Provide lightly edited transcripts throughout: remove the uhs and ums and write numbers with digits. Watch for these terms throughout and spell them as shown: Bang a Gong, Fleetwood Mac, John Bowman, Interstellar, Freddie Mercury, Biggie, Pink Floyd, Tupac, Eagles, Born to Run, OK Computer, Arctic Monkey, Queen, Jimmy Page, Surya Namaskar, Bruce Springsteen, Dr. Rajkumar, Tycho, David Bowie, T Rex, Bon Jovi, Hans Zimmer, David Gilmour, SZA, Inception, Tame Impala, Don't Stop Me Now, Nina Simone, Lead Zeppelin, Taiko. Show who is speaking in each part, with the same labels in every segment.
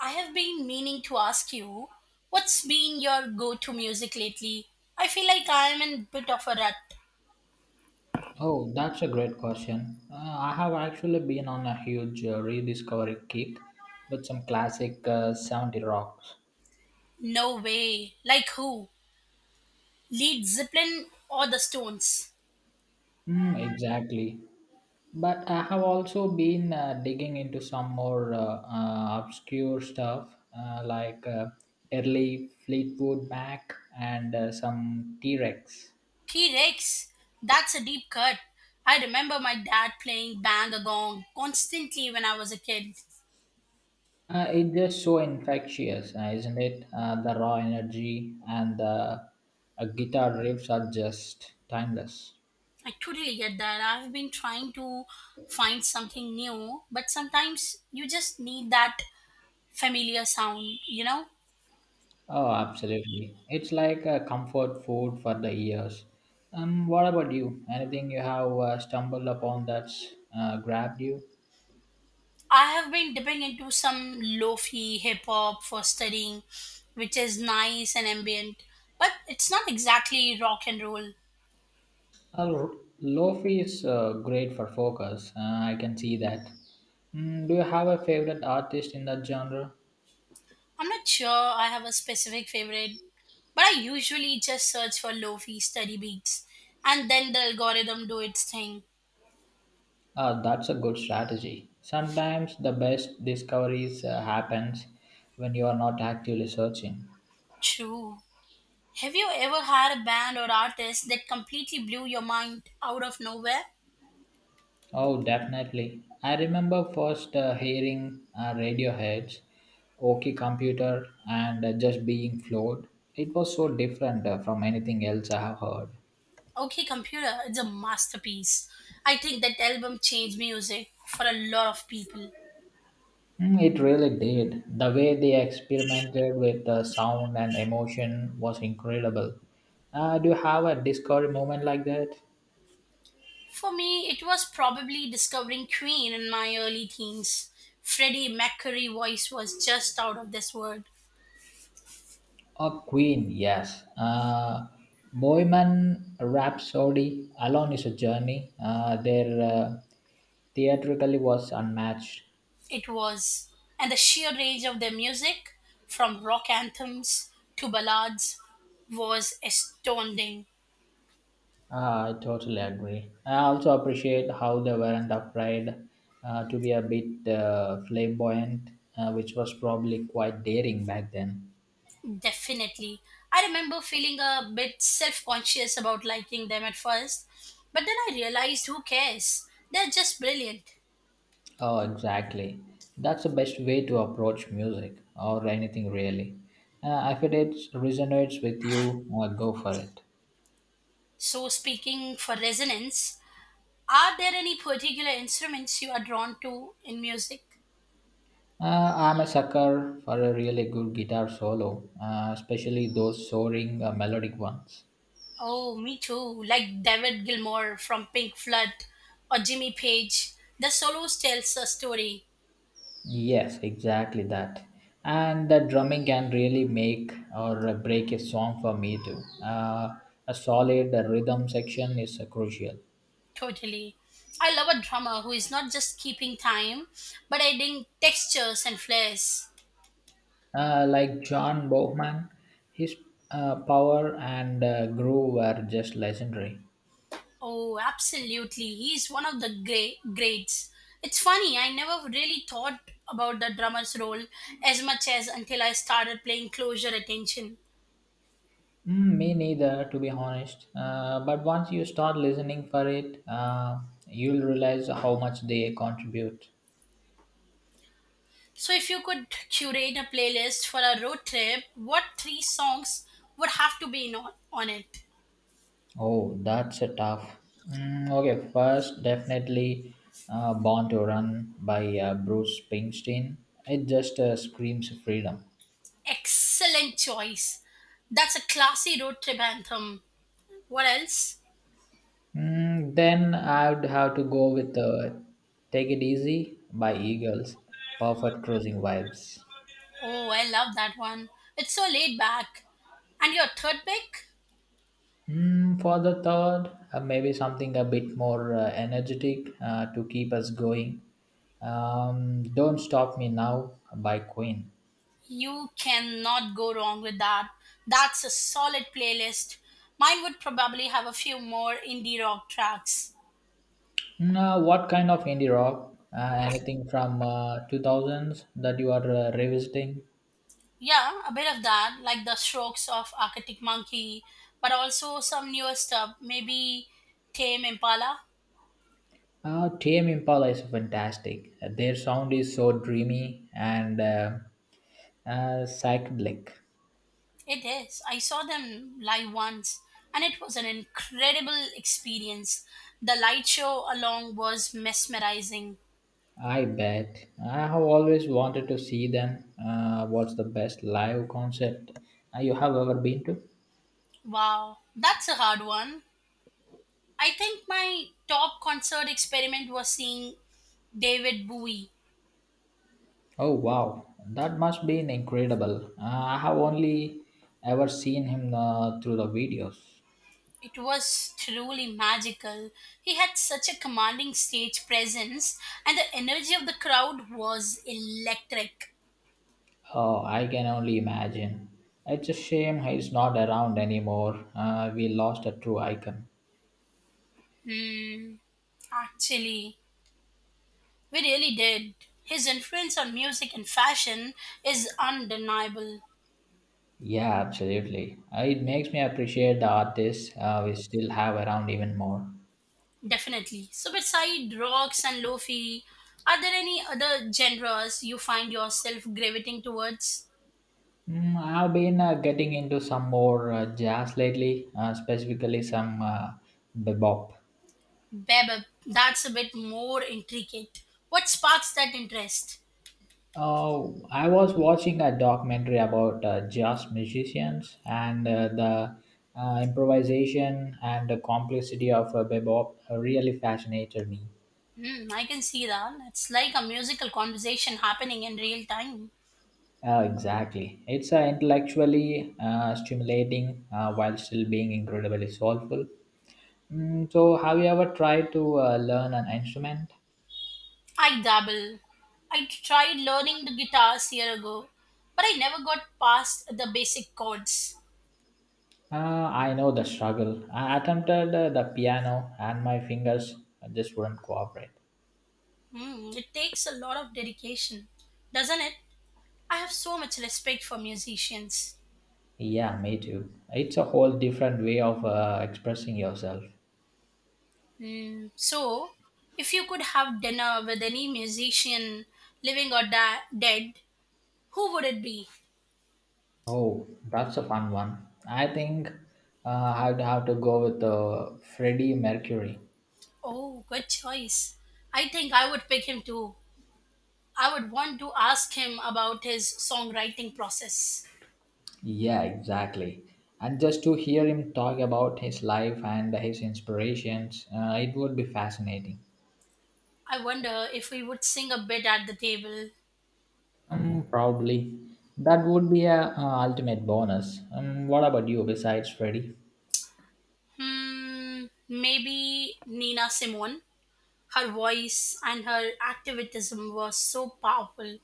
Speaker 1: I have been meaning to ask you, what's been your go to music lately? I feel like I am in a bit of a rut.
Speaker 2: Oh, that's a great question. I have actually been on a huge rediscovery kick with some classic 70 rocks.
Speaker 1: No way. Like who? Lead Zeppelin or the Stones?
Speaker 2: Mm, exactly. But I have also been digging into some more obscure stuff like early Fleetwood Mac and some T Rex.
Speaker 1: T Rex? That's a deep cut. I remember my dad playing Bang a Gong constantly when I was a kid.
Speaker 2: It's just so infectious, isn't it? The raw energy and the guitar riffs are just timeless.
Speaker 1: I totally get that. I've been trying to find something new, but sometimes you just need that familiar sound, you know?
Speaker 2: Oh, absolutely. It's like a comfort food for the ears. What about you? Anything you have stumbled upon that's grabbed you?
Speaker 1: I have been dipping into some lofi hip hop for studying, which is nice and ambient, but it's not exactly rock and roll.
Speaker 2: Uh, Lofi is great for focus. I can see that. Mm, do you have a favorite artist in that genre?
Speaker 1: I'm not sure I have a specific favorite, but I usually just search for lofi study beats and then the algorithm do its thing.
Speaker 2: That's a good strategy. Sometimes the best discoveries happens when you are not actively searching.
Speaker 1: True. Have you ever had a band or artist that completely blew your mind out of nowhere?
Speaker 2: Oh, definitely. I remember first hearing Radiohead's OK Computer and just being floored. It was so different from anything else I have heard.
Speaker 1: Okay, computer, it's a masterpiece. I think that album changed music for a lot of people.
Speaker 2: Mm, it really did. The way they experimented with the sound and emotion was incredible. Do you have a Discord moment like that?
Speaker 1: For me, it was probably discovering Queen in my early teens. Freddie Mercury voice was just out of this world.
Speaker 2: A Queen, yes. Bohemian Rhapsody alone is a journey. Their theatrically was unmatched.
Speaker 1: It was. And the sheer range of their music, from rock anthems to ballads, was astounding.
Speaker 2: I totally agree. I also appreciate how they weren't afraid to be a bit flamboyant, which was probably quite daring back then.
Speaker 1: Definitely. I remember feeling a bit self conscious about liking them at first, but then I realized who cares? They're just brilliant.
Speaker 2: Oh, exactly. That's the best way to approach music or anything really. If it is- Resonates with you, go for it.
Speaker 1: So, speaking for resonance, are there any particular instruments you are drawn to in music?
Speaker 2: I'm a sucker for a really good guitar solo, especially those soaring melodic ones.
Speaker 1: Oh, me too. Like David Gilmour from Pink Floyd or Jimmy Page. The solos tells a story.
Speaker 2: Yes, exactly that. And the drumming can really make or break a song for me too. A solid rhythm section is crucial.
Speaker 1: Totally. I love a drummer who is not just keeping time, but adding textures and flares.
Speaker 2: Like John Bowman, his power and groove were just legendary.
Speaker 1: Oh, absolutely. He's one of the great greats. It's funny, I never really thought about the drummer's role as much as until I started playing closer attention.
Speaker 2: Mm, me neither, to be honest. But once you start listening for it, you'll realize how much they contribute.
Speaker 1: So, if you could curate a playlist for a road trip, what three songs would have to be in on it?
Speaker 2: Oh, that's a tough. Mm, okay, first, definitely Born to Run by Bruce Springsteen. It just screams freedom.
Speaker 1: Excellent choice. That's a classy road trip anthem. What else?
Speaker 2: Mm, then I would have to go with Take It Easy by Eagles. Perfect cruising vibes.
Speaker 1: Oh, I love that one. It's so laid back. And your third pick?
Speaker 2: Mm, for the third, maybe something a bit more energetic to keep us going. Don't Stop Me Now by Queen.
Speaker 1: You cannot go wrong with that. That's a solid playlist. Mine would probably have a few more indie rock tracks.
Speaker 2: Mm, what kind of indie rock? Anything from 2000s that you are revisiting?
Speaker 1: Yeah, a bit of that, like the strokes of Arctic Monkey, but also some newer stuff, maybe Tame Impala.
Speaker 2: TM Impala is fantastic. Their sound is so dreamy and psychedelic.
Speaker 1: It is. I saw them live once, and it was an incredible experience. The light show along was mesmerizing.
Speaker 2: I bet. I have always wanted to see them. What's the best live concert you have ever been to?
Speaker 1: Wow, that's a hard one. I think my top concert experiment was seeing David Bowie.
Speaker 2: Oh wow, that must be incredible. I have only ever seen him through the videos.
Speaker 1: It was truly magical. He had such a commanding stage presence, and the energy of the crowd was electric.
Speaker 2: Oh, I can only imagine. It's a shame he's not around anymore. We lost a true icon.
Speaker 1: Hmm, actually, we really did. His influence on music and fashion is undeniable,
Speaker 2: Yeah, absolutely. It makes me appreciate the artists we still have around even more.
Speaker 1: definitely. So, beside rocks and lofi, are there any other genres you find yourself gravitating towards?
Speaker 2: Mm, I've been getting into some more jazz lately, specifically some bebop.
Speaker 1: Bebop, that's a bit more intricate. What sparks that interest?
Speaker 2: Oh, I was watching a documentary about jazz musicians and the improvisation and the complexity of bebop really fascinated me.
Speaker 1: I can see that. It's like a musical conversation happening in real time.
Speaker 2: Exactly. It's intellectually stimulating while still being incredibly soulful. Mm, so, have you ever tried to learn an instrument?
Speaker 1: I dabble. I tried learning the guitars a year ago, but I never got past the basic chords.
Speaker 2: Uh, I know the struggle. I attempted the piano and my fingers just wouldn't cooperate.
Speaker 1: It takes a lot of dedication, doesn't it? I have so much respect for musicians.
Speaker 2: Yeah, me too. It's a whole different way of expressing yourself.
Speaker 1: Hmm, so, if you could have dinner with any musician, living or dead, who would it be?
Speaker 2: Oh, that's a fun one. I think uh, I'd have to go with Freddie Mercury.
Speaker 1: Oh, good choice. I think I would pick him too. I would want to ask him about his songwriting process.
Speaker 2: Yeah, exactly. And just to hear him talk about his life and his inspirations, it would be fascinating.
Speaker 1: I wonder if we would sing a bit at the table.
Speaker 2: Probably. That would be a ultimate bonus. What about you besides Freddie?
Speaker 1: Maybe Nina Simone. Her voice and her activism were so powerful.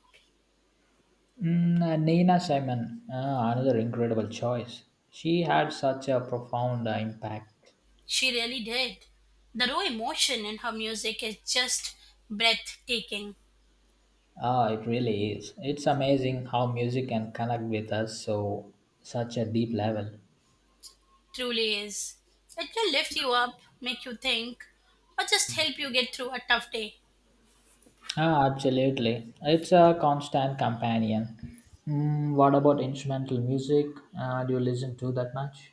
Speaker 2: Nina Simon, ah, another incredible choice. She had such a profound impact.
Speaker 1: She really did. The raw emotion in her music is just breathtaking.
Speaker 2: Ah, it really is. It's amazing how music can connect with us so such a deep level.
Speaker 1: Truly is. It will lift you up, make you think, or just help you get through a tough day.
Speaker 2: Ah, absolutely. It's a constant companion. Mm, what about instrumental music? Do you listen to that much?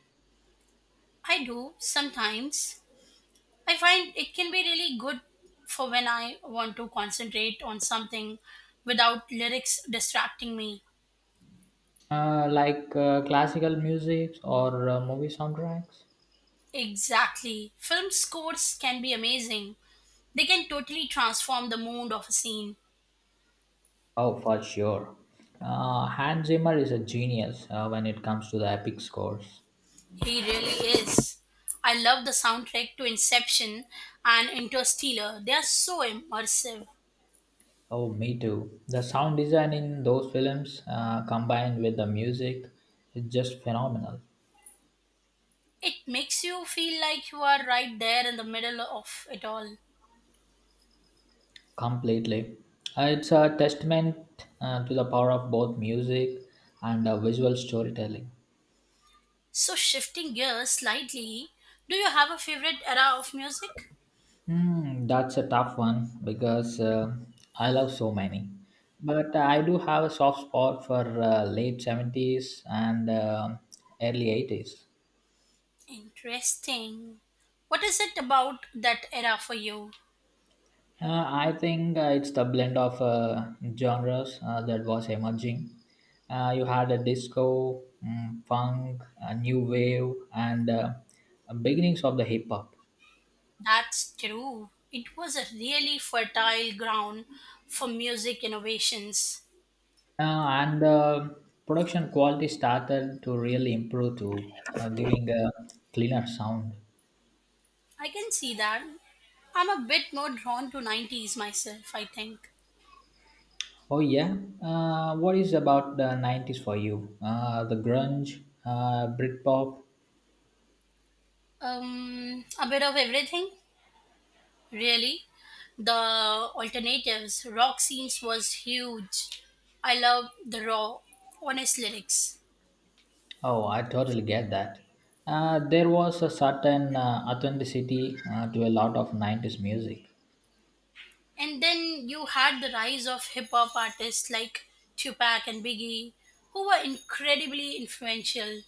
Speaker 1: I do sometimes. I find it can be really good for when I want to concentrate on something without lyrics distracting me.
Speaker 2: Like classical music or movie soundtracks?
Speaker 1: Exactly. Film scores can be amazing. They can totally transform the mood of a scene.
Speaker 2: Oh, for sure. Hans Zimmer is a genius when it comes to the epic scores.
Speaker 1: He really is. I love the soundtrack to Inception and Interstellar. They are so immersive.
Speaker 2: Oh, me too. The sound design in those films combined with the music is just phenomenal.
Speaker 1: It makes you feel like you are right there in the middle of it all.
Speaker 2: Completely. It's a testament to the power of both music and visual storytelling.
Speaker 1: So, shifting gears slightly, do you have a favorite era of music?
Speaker 2: Hmm, that's a tough one because I love so many. But I do have a soft spot for late 70s and early 80s.
Speaker 1: Interesting. What is it about that era for you?
Speaker 2: I think it's the blend of genres that was emerging. You had a disco, mm, funk, a new wave, and beginnings of the hip hop.
Speaker 1: That's true. It was a really fertile ground for music innovations.
Speaker 2: And production quality started to really improve to giving a cleaner sound.
Speaker 1: I can see that. I'm a bit more drawn to 90s myself, I think.
Speaker 2: Oh yeah, what is about the 90s for you? The grunge, Britpop,
Speaker 1: A bit of everything, really. The alternatives, rock scenes was huge. I love the raw, honest lyrics.
Speaker 2: oh, I totally get that. There was a certain authenticity to a lot of 90s music.
Speaker 1: And then you had the rise of hip hop artists like Tupac and Biggie, who were incredibly influential.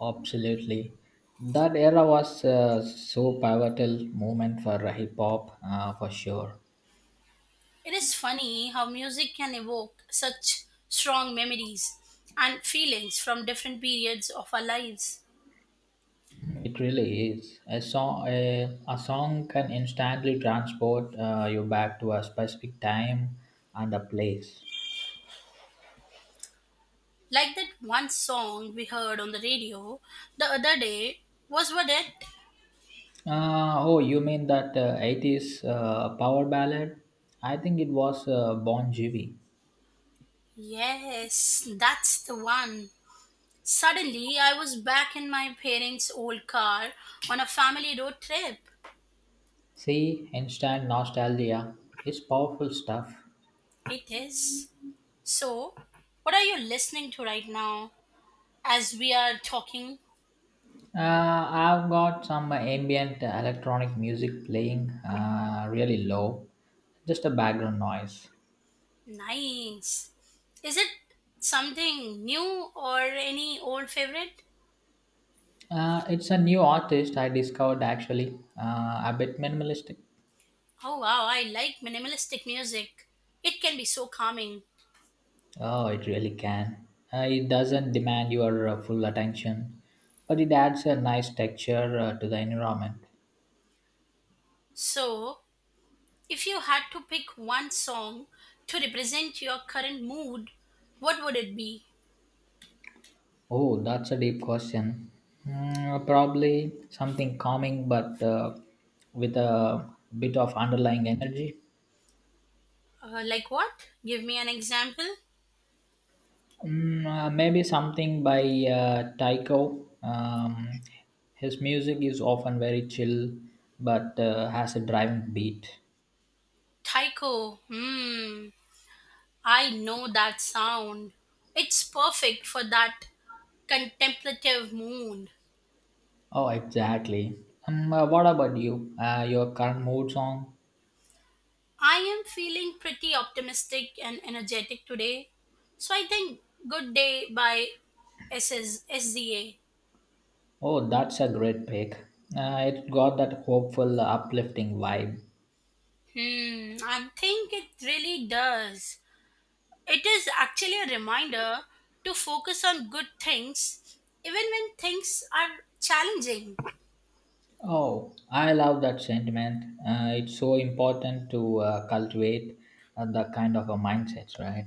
Speaker 2: Absolutely. That era was so pivotal moment for hip hop for sure.
Speaker 1: It is funny how music can evoke such strong memories and feelings from different periods of our lives.
Speaker 2: It really is. A song can instantly transport you back to a specific time and a place.
Speaker 1: Like that one song we heard on the radio the other day, was what it?
Speaker 2: Oh, you mean that 80s power ballad? I think it was Bon Jovi.
Speaker 1: Yes, that's the one. Suddenly, I was back in my parents' old car on a family road trip.
Speaker 2: See, instant nostalgia is powerful stuff.
Speaker 1: It is. So, what are you listening to right now as we are talking?
Speaker 2: I've got some ambient electronic music playing really low, just a background noise.
Speaker 1: Nice. Is it something new or any old favorite?
Speaker 2: It's a new artist I discovered actually, a bit minimalistic.
Speaker 1: Oh wow, I like minimalistic music. It can be so calming.
Speaker 2: Oh, it really can. It doesn't demand your full attention, but it adds a nice texture to the environment.
Speaker 1: So, if you had to pick one song to represent your current mood, what would it be?
Speaker 2: Oh, that's a deep question. Mm, probably something calming, but with a bit of underlying energy.
Speaker 1: Like what? Give me an example.
Speaker 2: Maybe something by Tycho. His music is often very chill, but has a driving beat.
Speaker 1: Taiko. Hmm. I know that sound. It's perfect for that contemplative mood.
Speaker 2: Oh, exactly. What about you? Your current mood song?
Speaker 1: I am feeling pretty optimistic and energetic today. So I think Good Day by SZA.
Speaker 2: Oh, that's a great pick. It got that hopeful, uplifting vibe.
Speaker 1: I think it really does. It is actually a reminder to focus on good things even when things are challenging.
Speaker 2: Oh, I love that sentiment. It's so important to cultivate that kind of a mindset, right?